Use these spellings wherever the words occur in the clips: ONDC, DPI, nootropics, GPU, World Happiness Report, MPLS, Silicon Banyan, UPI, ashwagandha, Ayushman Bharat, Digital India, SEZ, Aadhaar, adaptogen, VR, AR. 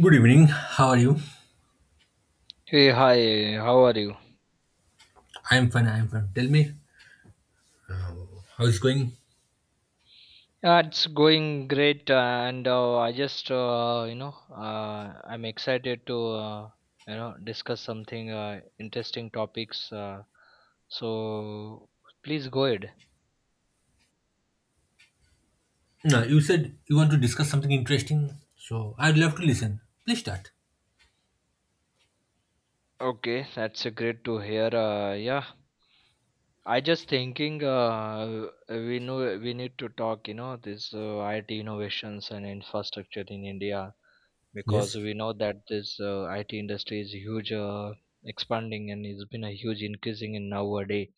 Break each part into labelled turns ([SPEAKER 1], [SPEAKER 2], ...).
[SPEAKER 1] Good evening. How are you?
[SPEAKER 2] Hey, hi, how are you?
[SPEAKER 1] I am fine. I am fine. Tell me how is going.
[SPEAKER 2] Yeah, it's going great, and I'm excited to, uh, discuss something interesting topics. So please go ahead.
[SPEAKER 1] No, you said you want to discuss something interesting, so I'd love to listen. Please start.
[SPEAKER 2] Okay, that's great to hear. Yeah, I just thinking, we know we need to talk, this IT innovations and infrastructure in India. Because
[SPEAKER 1] Yes.
[SPEAKER 2] we know that this IT industry is huge, expanding and it's been a huge increasing in nowadays,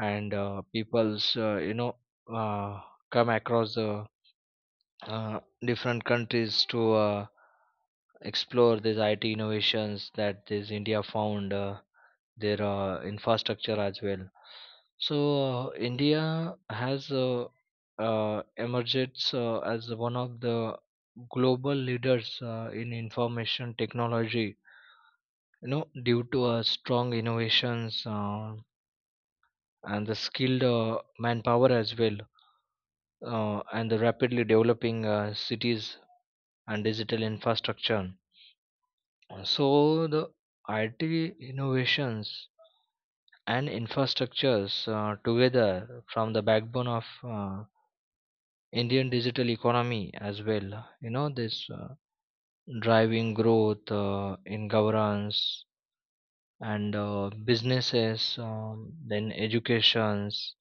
[SPEAKER 2] and people's, uh, come across the uh, different countries to explore these IT innovations that this India found their infrastructure as well. So India has, emerged as one of the global leaders in information technology. You know, due to strong innovations, and the skilled manpower as well, and the rapidly developing cities and digital infrastructure. So the IT innovations and infrastructures, together from the backbone of Indian digital economy as well. You know, this driving growth in governance and businesses, then educations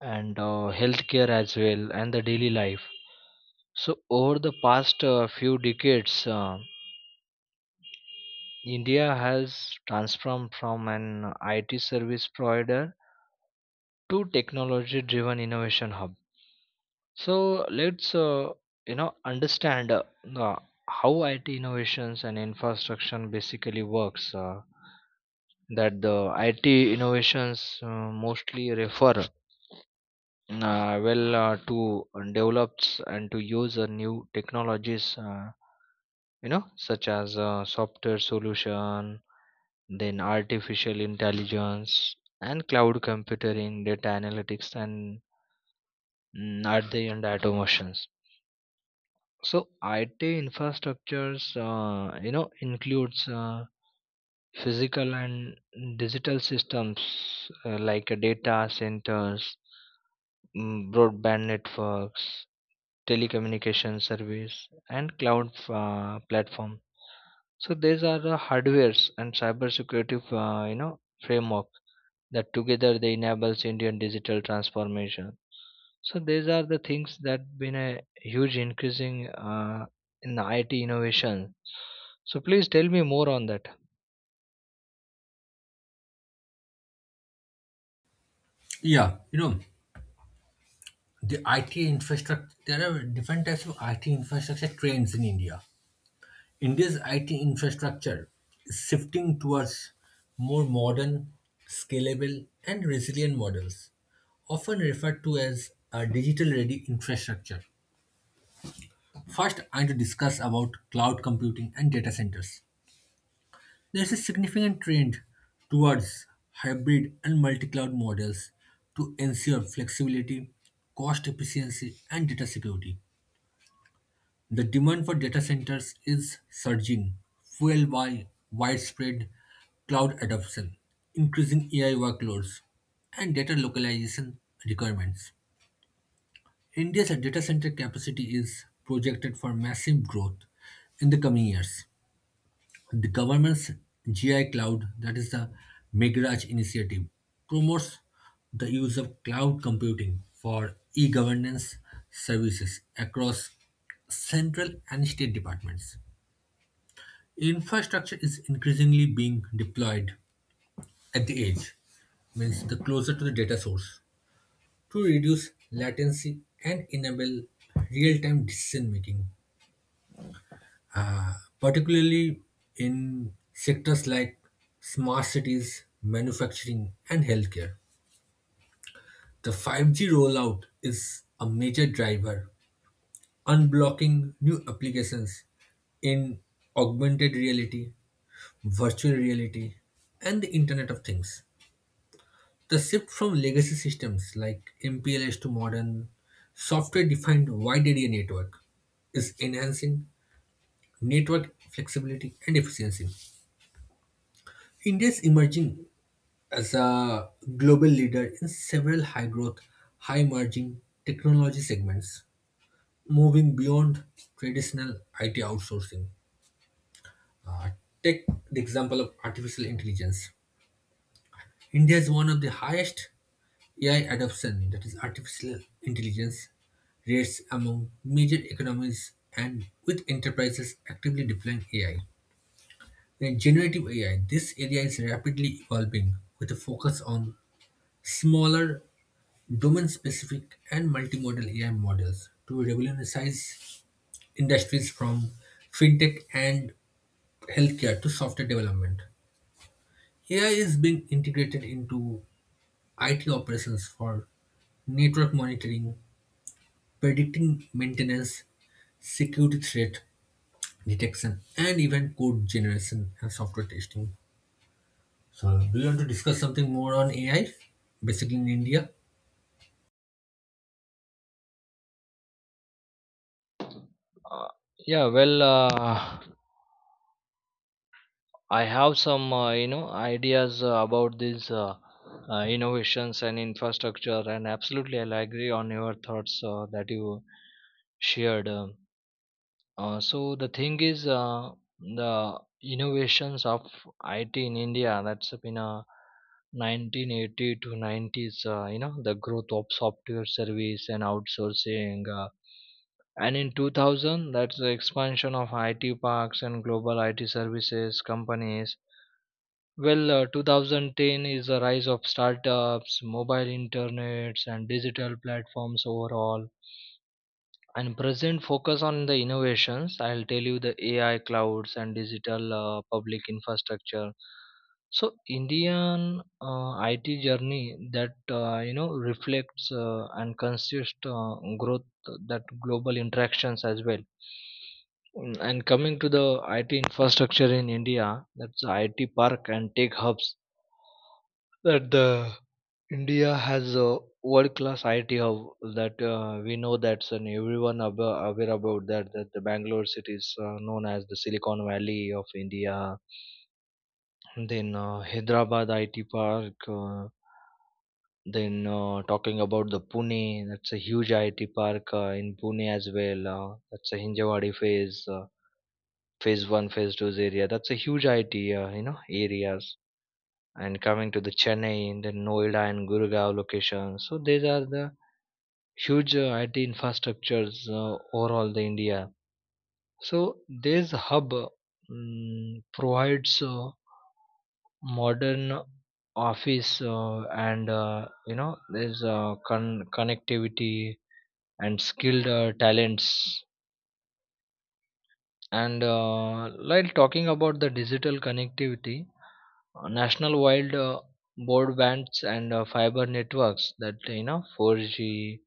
[SPEAKER 2] and healthcare as well, and the daily life. So, over the past few decades, India has transformed from an IT service provider to technology driven innovation hub. So let's, understand uh, how IT innovations and infrastructure basically works. That the IT innovations, mostly refer, to develops and to use new technologies. Such as software solution, then artificial intelligence and cloud computing, data analytics, and at the end automations. So IT infrastructures, includes physical and digital systems like data centers, broadband networks, telecommunication service, and cloud platform. So these are the hardwares and cybersecurity, framework that together they enables Indian digital transformation. So these are the things that been a huge increasing in IT innovation. So please tell me more on that.
[SPEAKER 1] Yeah, you know the IT infrastructure. There are different types of IT infrastructure trends in India. India's IT infrastructure is shifting towards more modern, scalable, and resilient models, often referred to as a digital-ready infrastructure. First, I want to discuss about cloud computing and data centers. There's a significant trend towards hybrid and multi-cloud models to ensure flexibility, cost efficiency, and data security. The demand for data centers is surging, fueled by widespread cloud adoption, increasing AI workloads, and data localization requirements. India's data center capacity is projected for massive growth in the coming years. The government's GI Cloud, that is the Megraj initiative, promotes the use of cloud computing for e governance services across central and state departments. Infrastructure is increasingly being deployed at the edge, means the closer to the data source, to reduce latency and enable real time decision making, particularly in sectors like smart cities, manufacturing, and healthcare. The 5G rollout is a major driver, unblocking new applications in augmented reality, virtual reality, and the Internet of Things. The shift from legacy systems like MPLS to modern software defined wide area network is enhancing network flexibility and efficiency. India's emerging as a global leader in several high growth, high emerging technology segments, moving beyond traditional IT outsourcing. Uh, take the example of artificial intelligence. India is one of the highest AI adoption, that is, artificial intelligence rates among major economies and with enterprises actively deploying AI. In generative AI, this area is rapidly evolving with a focus on smaller domain-specific and multimodal AI models to revolutionize industries from fintech and healthcare to software development. AI is being integrated into IT operations for network monitoring, predicting maintenance, security threat detection, and even code generation and software testing. So, do you want to discuss something more on AI, basically in India?
[SPEAKER 2] Uh, yeah, well, I have some, ideas about these, innovations and infrastructure, and absolutely I'll agree on your thoughts that you shared. So the thing is, the innovations of IT in India. That's been 1980 to 90s. The growth of software service and outsourcing, and in 2000, that's the expansion of IT parks and global IT services companies. Well, 2010 is the rise of startups, mobile internets, and digital platforms overall, and present focus on the innovations. I'll tell you the AI clouds and digital public infrastructure. So Indian IT journey that, reflects and consist growth that global interactions as well. And coming to the IT infrastructure in India, that's the IT park and tech hubs. That the India has a world-class IT hub that, we know that's, and everyone aware about that. That the Bangalore city is, known as the Silicon Valley of India. Then Hyderabad IT park. Then talking about the Pune, that's a huge IT park in Pune as well. That's a Hinjawadi phase, phase one, phase two area. That's a huge IT, areas. And coming to the Chennai, and then Noida and Gurgaon locations. So these are the huge IT infrastructures overall the India. So this hub, provides modern office and, there's, connectivity and skilled talents. And while talking about the digital connectivity, national wide broadbands and fiber networks that you know 4G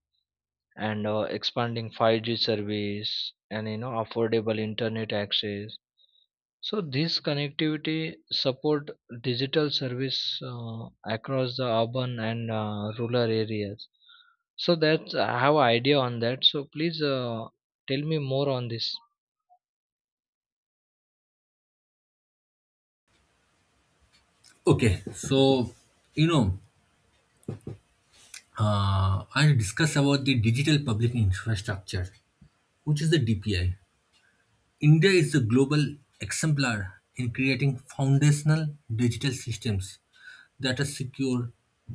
[SPEAKER 2] and expanding 5G service, and you know affordable internet access. So this connectivity support digital service across the urban and rural areas. So that's I have idea on that. So please, tell me more on this.
[SPEAKER 1] Okay, so, you know, I'll discuss about the digital public infrastructure, which is the DPI. India is the global exemplar in creating foundational digital systems that are secure,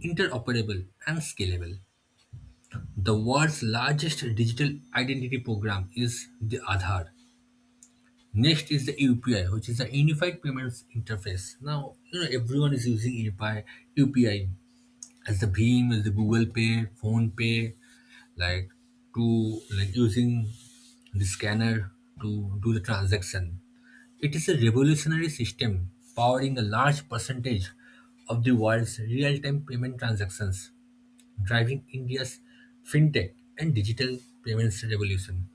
[SPEAKER 1] interoperable, and scalable. The world's largest digital identity program is the Aadhaar. Next is the UPI, which is the Unified Payments Interface. Now, you know everyone is using UPI, UPI as the Beam, as the Google Pay, Phone Pay, like to like using the scanner to do the transaction. It is a revolutionary system powering a large percentage of the world's real-time payment transactions, driving India's fintech and digital payments revolution.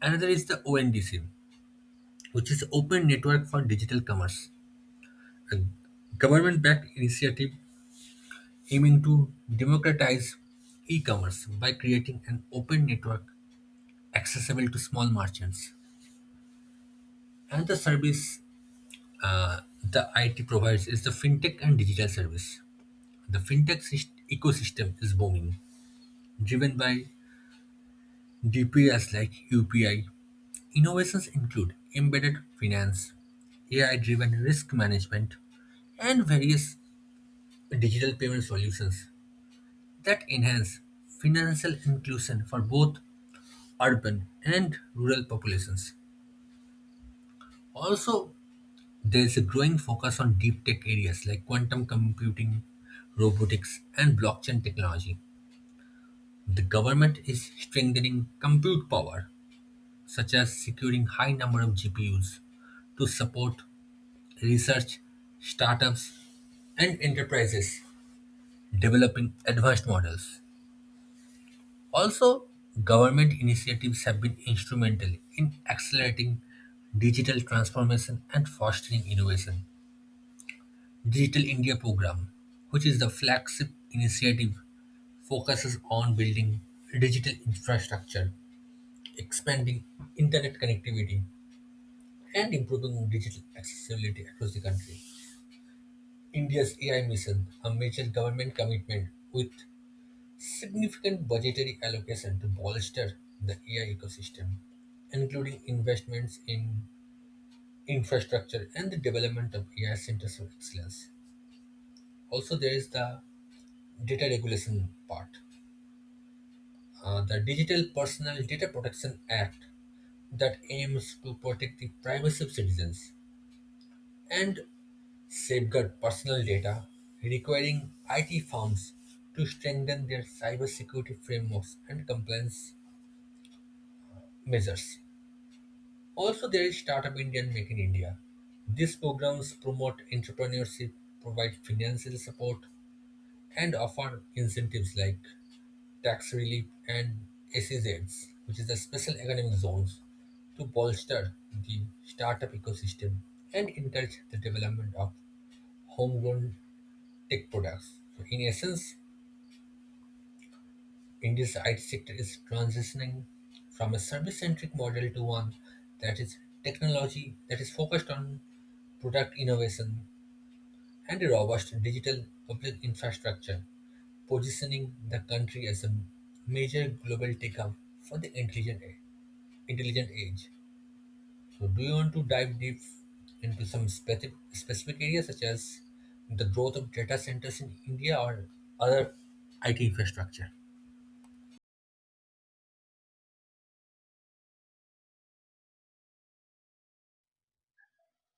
[SPEAKER 1] Another is the ONDC, which is Open Network for Digital Commerce, a government-backed initiative aiming to democratize e-commerce by creating an open network accessible to small merchants. Another service the IT provides is the fintech and digital service. The fintech ecosystem is booming, driven by DPIs like UPI. Innovations include embedded finance, AI-driven risk management, and various digital payment solutions that enhance financial inclusion for both urban and rural populations. Also, there is a growing focus on deep tech areas like quantum computing, robotics, and blockchain technology. The government is strengthening compute power, such as securing high number of GPUs to support research, startups, and enterprises developing advanced models. Also, government initiatives have been instrumental in accelerating digital transformation and fostering innovation. Digital India program, which is the flagship initiative, focuses on building digital infrastructure, expanding internet connectivity, and improving digital accessibility across the country. India's AI mission, a major government commitment with significant budgetary allocation to bolster the AI ecosystem, including investments in infrastructure and the development of AI centers of excellence. Also, there is the data regulation part. The Digital Personal Data Protection Act that aims to protect the privacy of citizens and safeguard personal data, requiring IT firms to strengthen their cybersecurity frameworks and compliance measures. Also, there is Startup India and Make in India. These programs promote entrepreneurship, provide financial support, and offer incentives like tax relief and SEZs, which is the special economic zones, to bolster the startup ecosystem and encourage the development of homegrown tech products. So, in essence, India's IT sector is transitioning from a service-centric model to one that is technology that is focused on product innovation and a robust digital public infrastructure, positioning the country as a major global tech hub for the intelligent intelligent age. So, do you want to dive deep into some specific areas such as the growth of data centers in India or other IT infrastructure?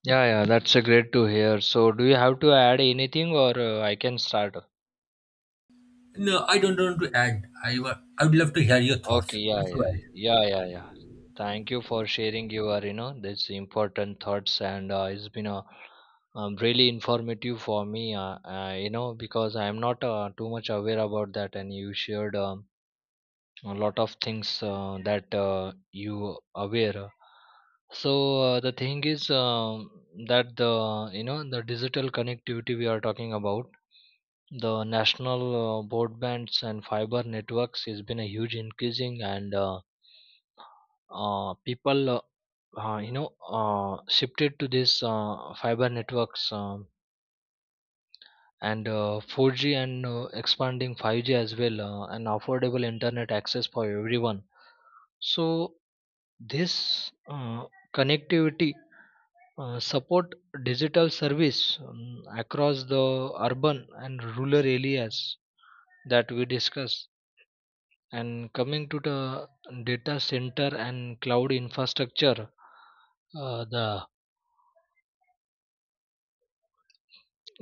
[SPEAKER 2] Yeah, yeah, that's a great to hear. So do you have to add anything, or I can start?
[SPEAKER 1] No, I don't want to add. I would love to hear your thoughts.
[SPEAKER 2] Okay, yeah,
[SPEAKER 1] Go
[SPEAKER 2] yeah,
[SPEAKER 1] ahead.
[SPEAKER 2] yeah, yeah, yeah. Thank you for sharing your, this important thoughts, and it's been a, really informative for me, because I am not too much aware about that, and you shared, a lot of things that you aware. So, the thing is, that the, the digital connectivity we are talking about. The national broadbands and fiber networks has been a huge increasing. And people, shifted to this fiber networks, and 4G and expanding 5G as well, and affordable internet access for everyone. So this connectivity support digital service across the urban and rural areas that we discussed. And coming to the data center and cloud infrastructure, the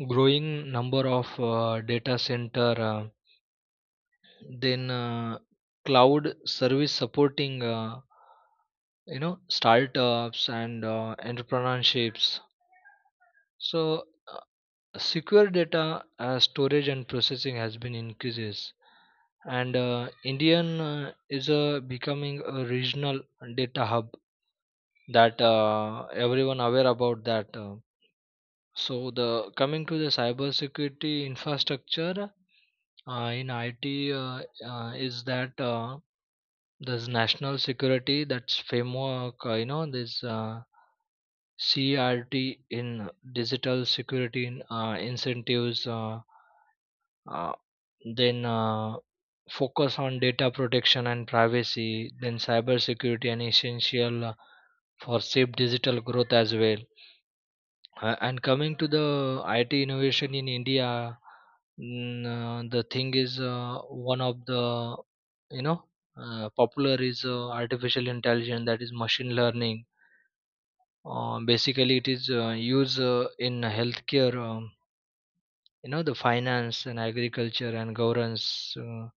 [SPEAKER 2] growing number of data center. Then, cloud service supporting, startups and entrepreneurships. So, uh, secure data storage and processing has been increases, and Indian is becoming a regional data hub that, everyone aware about that. So, the coming to the cybersecurity infrastructure in IT, is that. There's national security that's framework, this CRT in digital security in, incentives, uh, then focus on data protection and privacy, then cyber security and essential for safe digital growth as well. And coming to the IT innovation in India. The thing is, one of the, you know popular is artificial intelligence, that is machine learning. Basically, it is used in healthcare, the finance and agriculture and governance. Uh,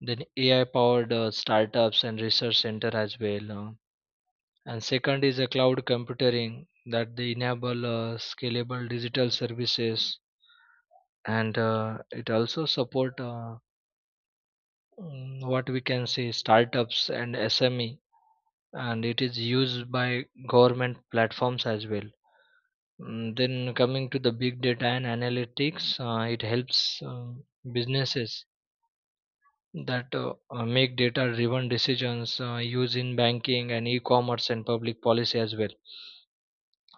[SPEAKER 2] then AI powered startups and research center as well. And second is a cloud computing that they enable scalable digital services, and it also support, what we can say, startups and SME, and it is used by government platforms as well. Then coming to the big data and analytics, it helps, businesses that, make data driven decisions, used in banking and e-commerce and public policy as well.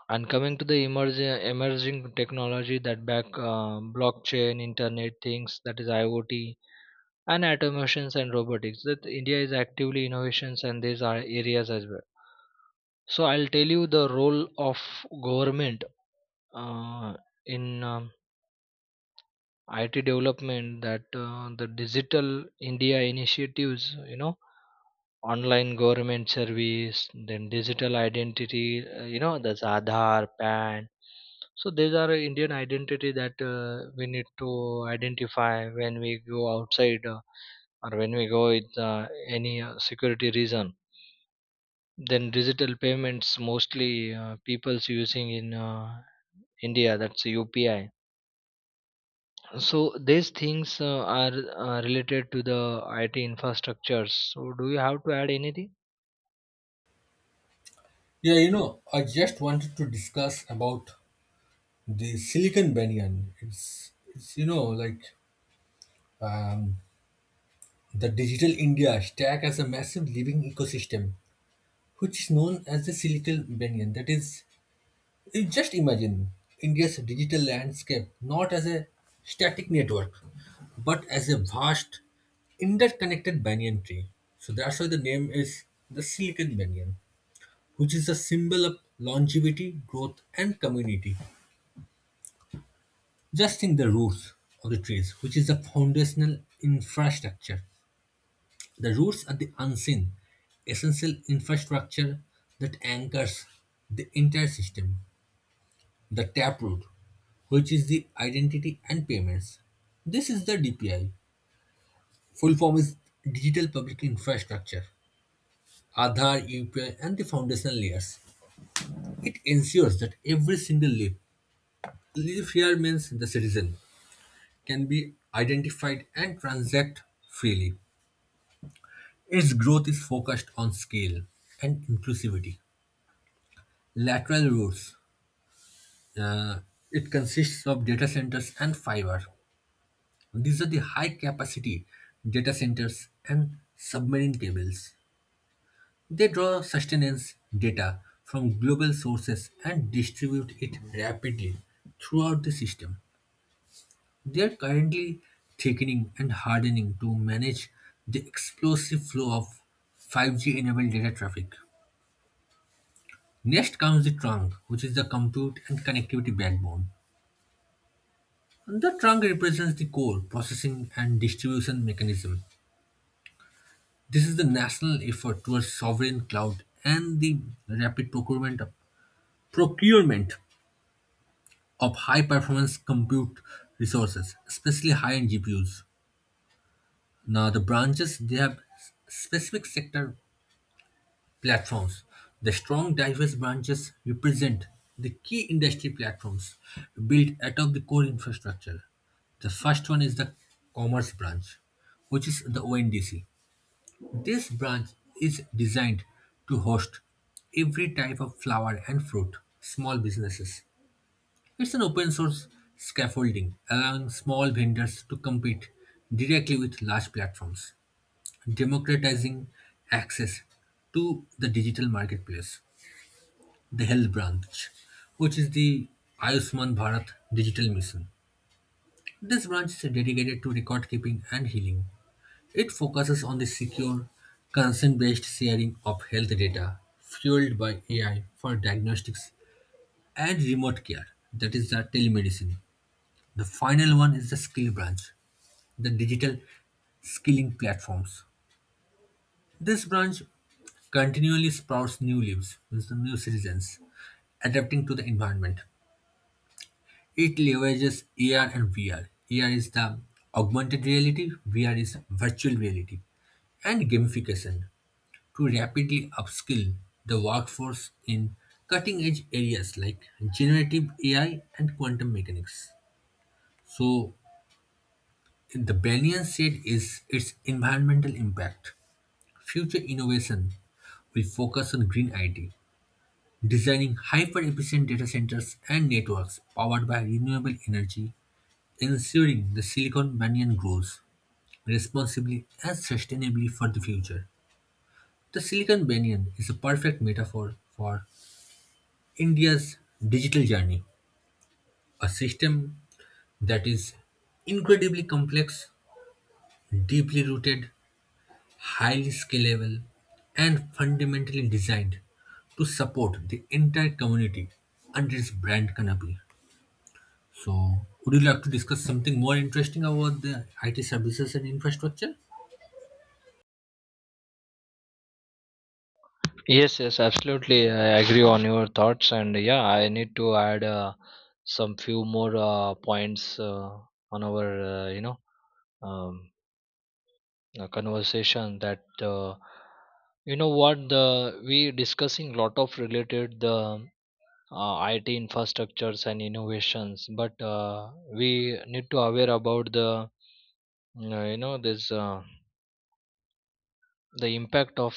[SPEAKER 2] And coming to the emerging technology that back blockchain, internet things, that is IoT, and automations and robotics, that India is actively innovations and these are areas as well. So I'll tell you the role of government, uh, in IT development that, the digital India initiatives, you know, online government service. Then digital identity, that's Aadhaar PAN. So these are Indian identity that, we need to identify when we go outside, or when we go with any security reason. Then digital payments mostly, people's using in India, that's UPI. So these things are related to the IT infrastructures. So do you have to add anything?
[SPEAKER 1] Yeah, I just wanted to discuss about the Silicon Banyan. It's like um, the digital India stack as a massive living ecosystem, which is known as the Silicon Banyan. That is, you just imagine India's digital landscape not as a static network, but as a vast interconnected banyan tree. So that's why the name is the Silicon Banyan, which is a symbol of longevity, growth, and community. Just think the roots of the trees, which is the foundational infrastructure. The roots are the unseen, essential infrastructure that anchors the entire system. The taproot, which is the identity and payments. This is the DPI. Full form is Digital Public Infrastructure, Aadhaar, UPI, and the foundational layers. It ensures that every single leaf, leaf here means the citizen, can be identified and transacted freely. Its growth is focused on scale and inclusivity. Lateral routes, uh, it consists of data centers and fiber. These are the high capacity data centers and submarine cables. They draw sustenance data from global sources and distribute it rapidly throughout the system. They are currently thickening and hardening to manage the explosive flow of 5G enabled data traffic. Next comes the trunk, which is the compute and connectivity backbone. The trunk represents the core processing and distribution mechanism. This is the national effort towards sovereign cloud and the rapid procurement of high performance compute resources, especially high end GPUs. Now, the branches they have specific sector platforms. The strong, diverse branches represent the key industry platforms built out of the core infrastructure. The first one is the commerce branch, which is the ONDC. This branch is designed to host every type of flower and fruit, small businesses. It's an open source scaffolding, allowing small vendors to compete directly with large platforms, democratizing access to the digital marketplace. The health branch, which is the Ayushman Bharat digital mission. This branch is dedicated to record keeping and healing. It focuses on the secure, consent based sharing of health data fueled by AI for diagnostics and remote care, that is, the telemedicine. The final one is the skill branch, the digital skilling platforms. This branch continually sprouts new leaves, means the new citizens, adapting to the environment. It leverages AR and VR. AR is the augmented reality, VR is virtual reality, and gamification to rapidly upskill the workforce in cutting edge areas like generative AI and quantum mechanics. So, the Banyan said is its environmental impact. Future innovation will focus on green IT, designing hyper efficient data centers and networks powered by renewable energy ensuring the silicon banyan grows responsibly and sustainably for the future. The silicon banyan is a perfect metaphor for India's digital journey, a system that is incredibly complex, deeply rooted, highly scalable, and fundamentally designed to support the entire community under its brand canopy. So, would you like to discuss something more interesting about the IT services and infrastructure?
[SPEAKER 2] Yes, yes, absolutely. I agree on your thoughts, and yeah, I need to add, some few more points on our, um, conversation. That what the we discussing lot of related the IT infrastructures and innovations, but we need to aware about the, this the impact of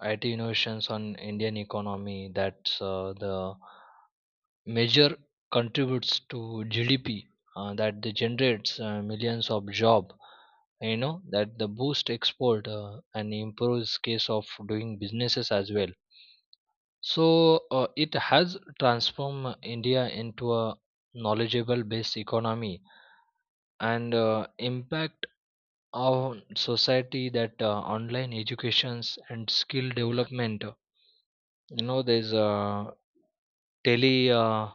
[SPEAKER 2] IT innovations on Indian economy. That's the major contributes to GDP that they generates millions of job, you know, that the boost export and improves case of doing businesses as well. So it has transformed India into a knowledgeable based economy, and impact on society that, online educations and skill development, you know, there's tele uh, uh,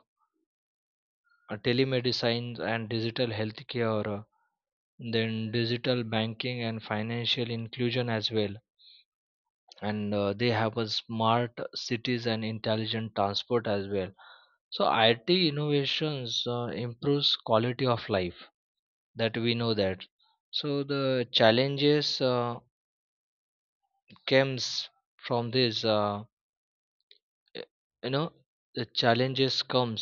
[SPEAKER 2] telemedicine and digital healthcare, then digital banking and financial inclusion as well, and they have a smart cities and intelligent transport as well. So it innovations improves quality of life, that we know that. So the challenges comes from this y- you know, the challenges comes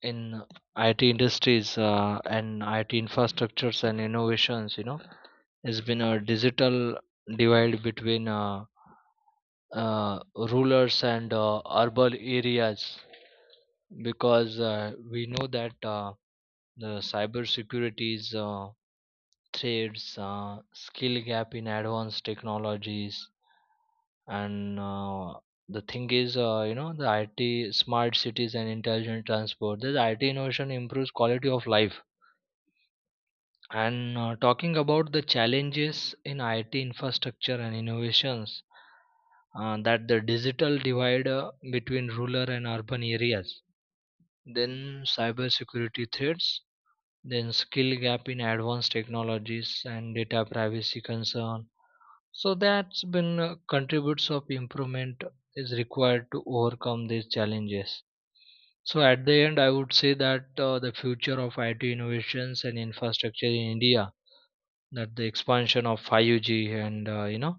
[SPEAKER 2] in IT industries and IT infrastructures and innovations, you know, has been a digital divide between uh, rulers and urban areas. Because we know that the cybersecurity's threats, skill gap in advanced technologies, and the thing is, the IT, smart cities, and intelligent transport. This IT innovation improves quality of life. And talking about the challenges in IT infrastructure and innovations, that the digital divide between rural and urban areas, then cybersecurity threats, then skill gap in advanced technologies and data privacy concern. So that's been contributes of improvement is required to overcome these challenges. So at the end, I would say that, the future of IT innovations and infrastructure in India, that the expansion of 5G and, uh, you know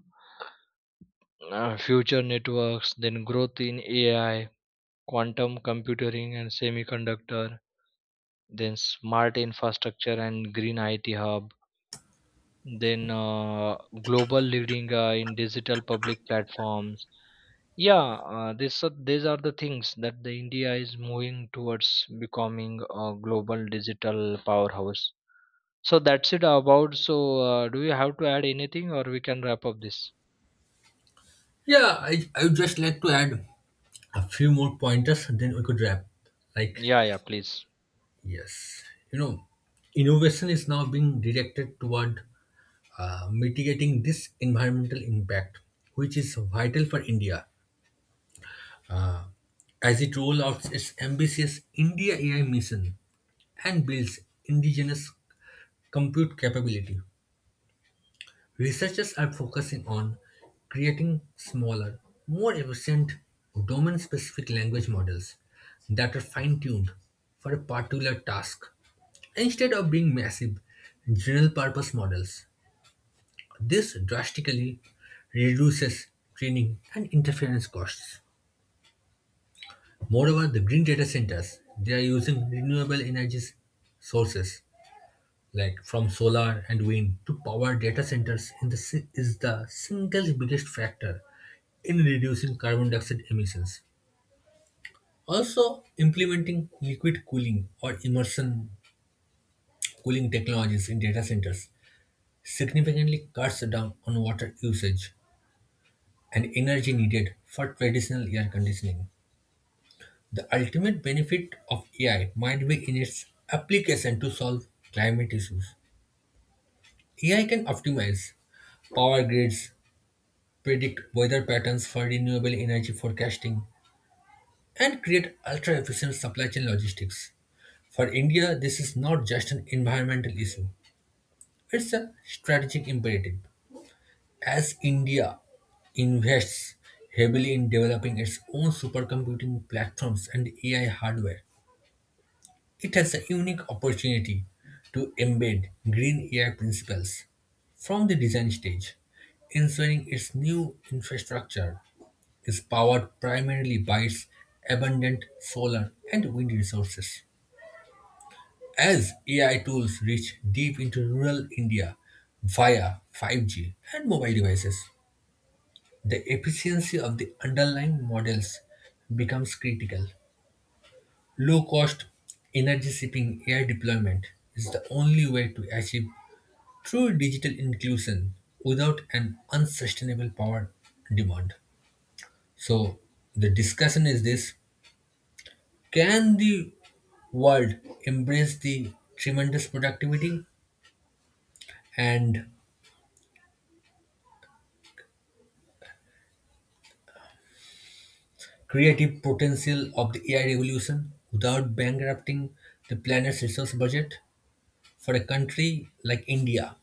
[SPEAKER 2] uh, future networks, then growth in AI, quantum computing, and semiconductor, then smart infrastructure and green IT hub, then global leading in digital public platforms. Yeah, these are the things that the India is moving towards becoming a global digital powerhouse. So that's it about. So do you have to add anything, or we can wrap up this?
[SPEAKER 1] Yeah, I would just like to add a few more pointers then we could wrap. Like,
[SPEAKER 2] Yeah, yeah, please.
[SPEAKER 1] yes, you know, innovation is now being directed toward mitigating this environmental impact, which is vital for India uh, as it rolls out its ambitious India AI mission and builds indigenous compute capability. Researchers are focusing on creating smaller, more efficient domain-specific language models that are fine-tuned for a particular task instead of being massive general-purpose models. This drastically reduces training and interference costs. Moreover, the green data centers, they are using renewable energy sources like from solar and wind to power data centers in the, is the single biggest factor in reducing carbon dioxide emissions. Also, implementing liquid cooling or immersion cooling technologies in data centers significantly cuts down on water usage and energy needed for traditional air conditioning. The ultimate benefit of AI might be in its application to solve climate issues. AI can optimize power grids, predict weather patterns for renewable energy forecasting, and create ultra efficient supply chain logistics. For India, this is not just an environmental issue, it's a strategic imperative. As India invests heavily in developing its own supercomputing platforms and AI hardware, it has a unique opportunity to embed green AI principles from the design stage, ensuring its new infrastructure is powered primarily by its abundant solar and wind resources. As AI tools reach deep into rural India via 5G and mobile devices, the efficiency of the underlying models becomes critical. Low cost, energy saving AI deployment is the only way to achieve true digital inclusion without an unsustainable power demand. So, the discussion is this can the world embrace the tremendous productivity and creative potential of the AI revolution without bankrupting the planet's resource budget for a country like India,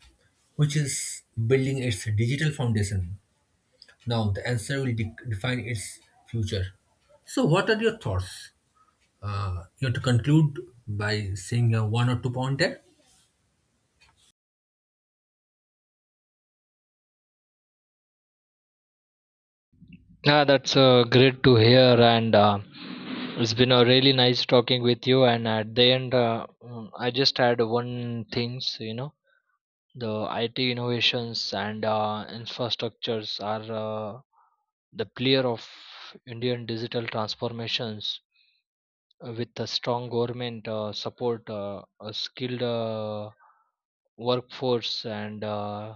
[SPEAKER 1] which is building its digital foundation. Now, the answer will define its future. So, what are your thoughts? You have to conclude by saying one or two point there.
[SPEAKER 2] Yeah, that's great to hear, and it's been a really nice talking with you. And at the end, I just had one things, you know, the IT innovations and infrastructures are the pillar of Indian digital transformations with a strong government support, a skilled workforce, and uh,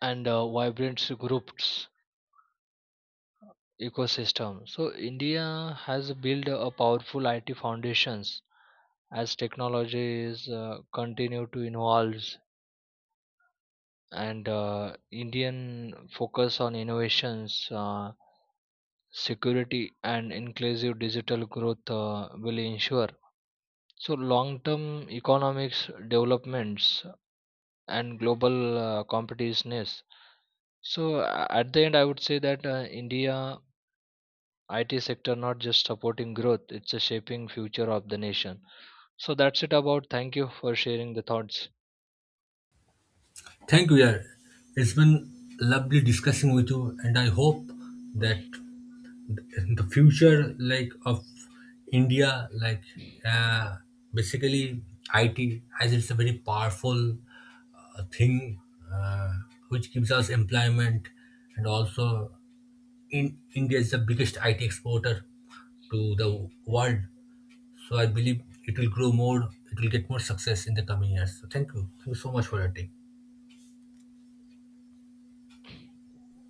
[SPEAKER 2] and uh, vibrant groups ecosystem. So India has built a powerful IT foundations as technologies continue to evolve, and Indian focus on innovations, security and inclusive digital growth will ensure so long-term economics developments and global competitiveness. So at the end, I would say that India IT sector not just supporting growth, it's a shaping future of the nation. So that's it about. Thank you for sharing the thoughts.
[SPEAKER 1] Thank you, yeah. It's been lovely discussing with you, and I hope that the future like of India, uh, basically IT, as it's a very powerful thing uh, which gives us employment, and also in India is the biggest IT exporter to the world. So I believe it will grow more. It will get more success in the coming years. So thank you. Thank you so much for your take.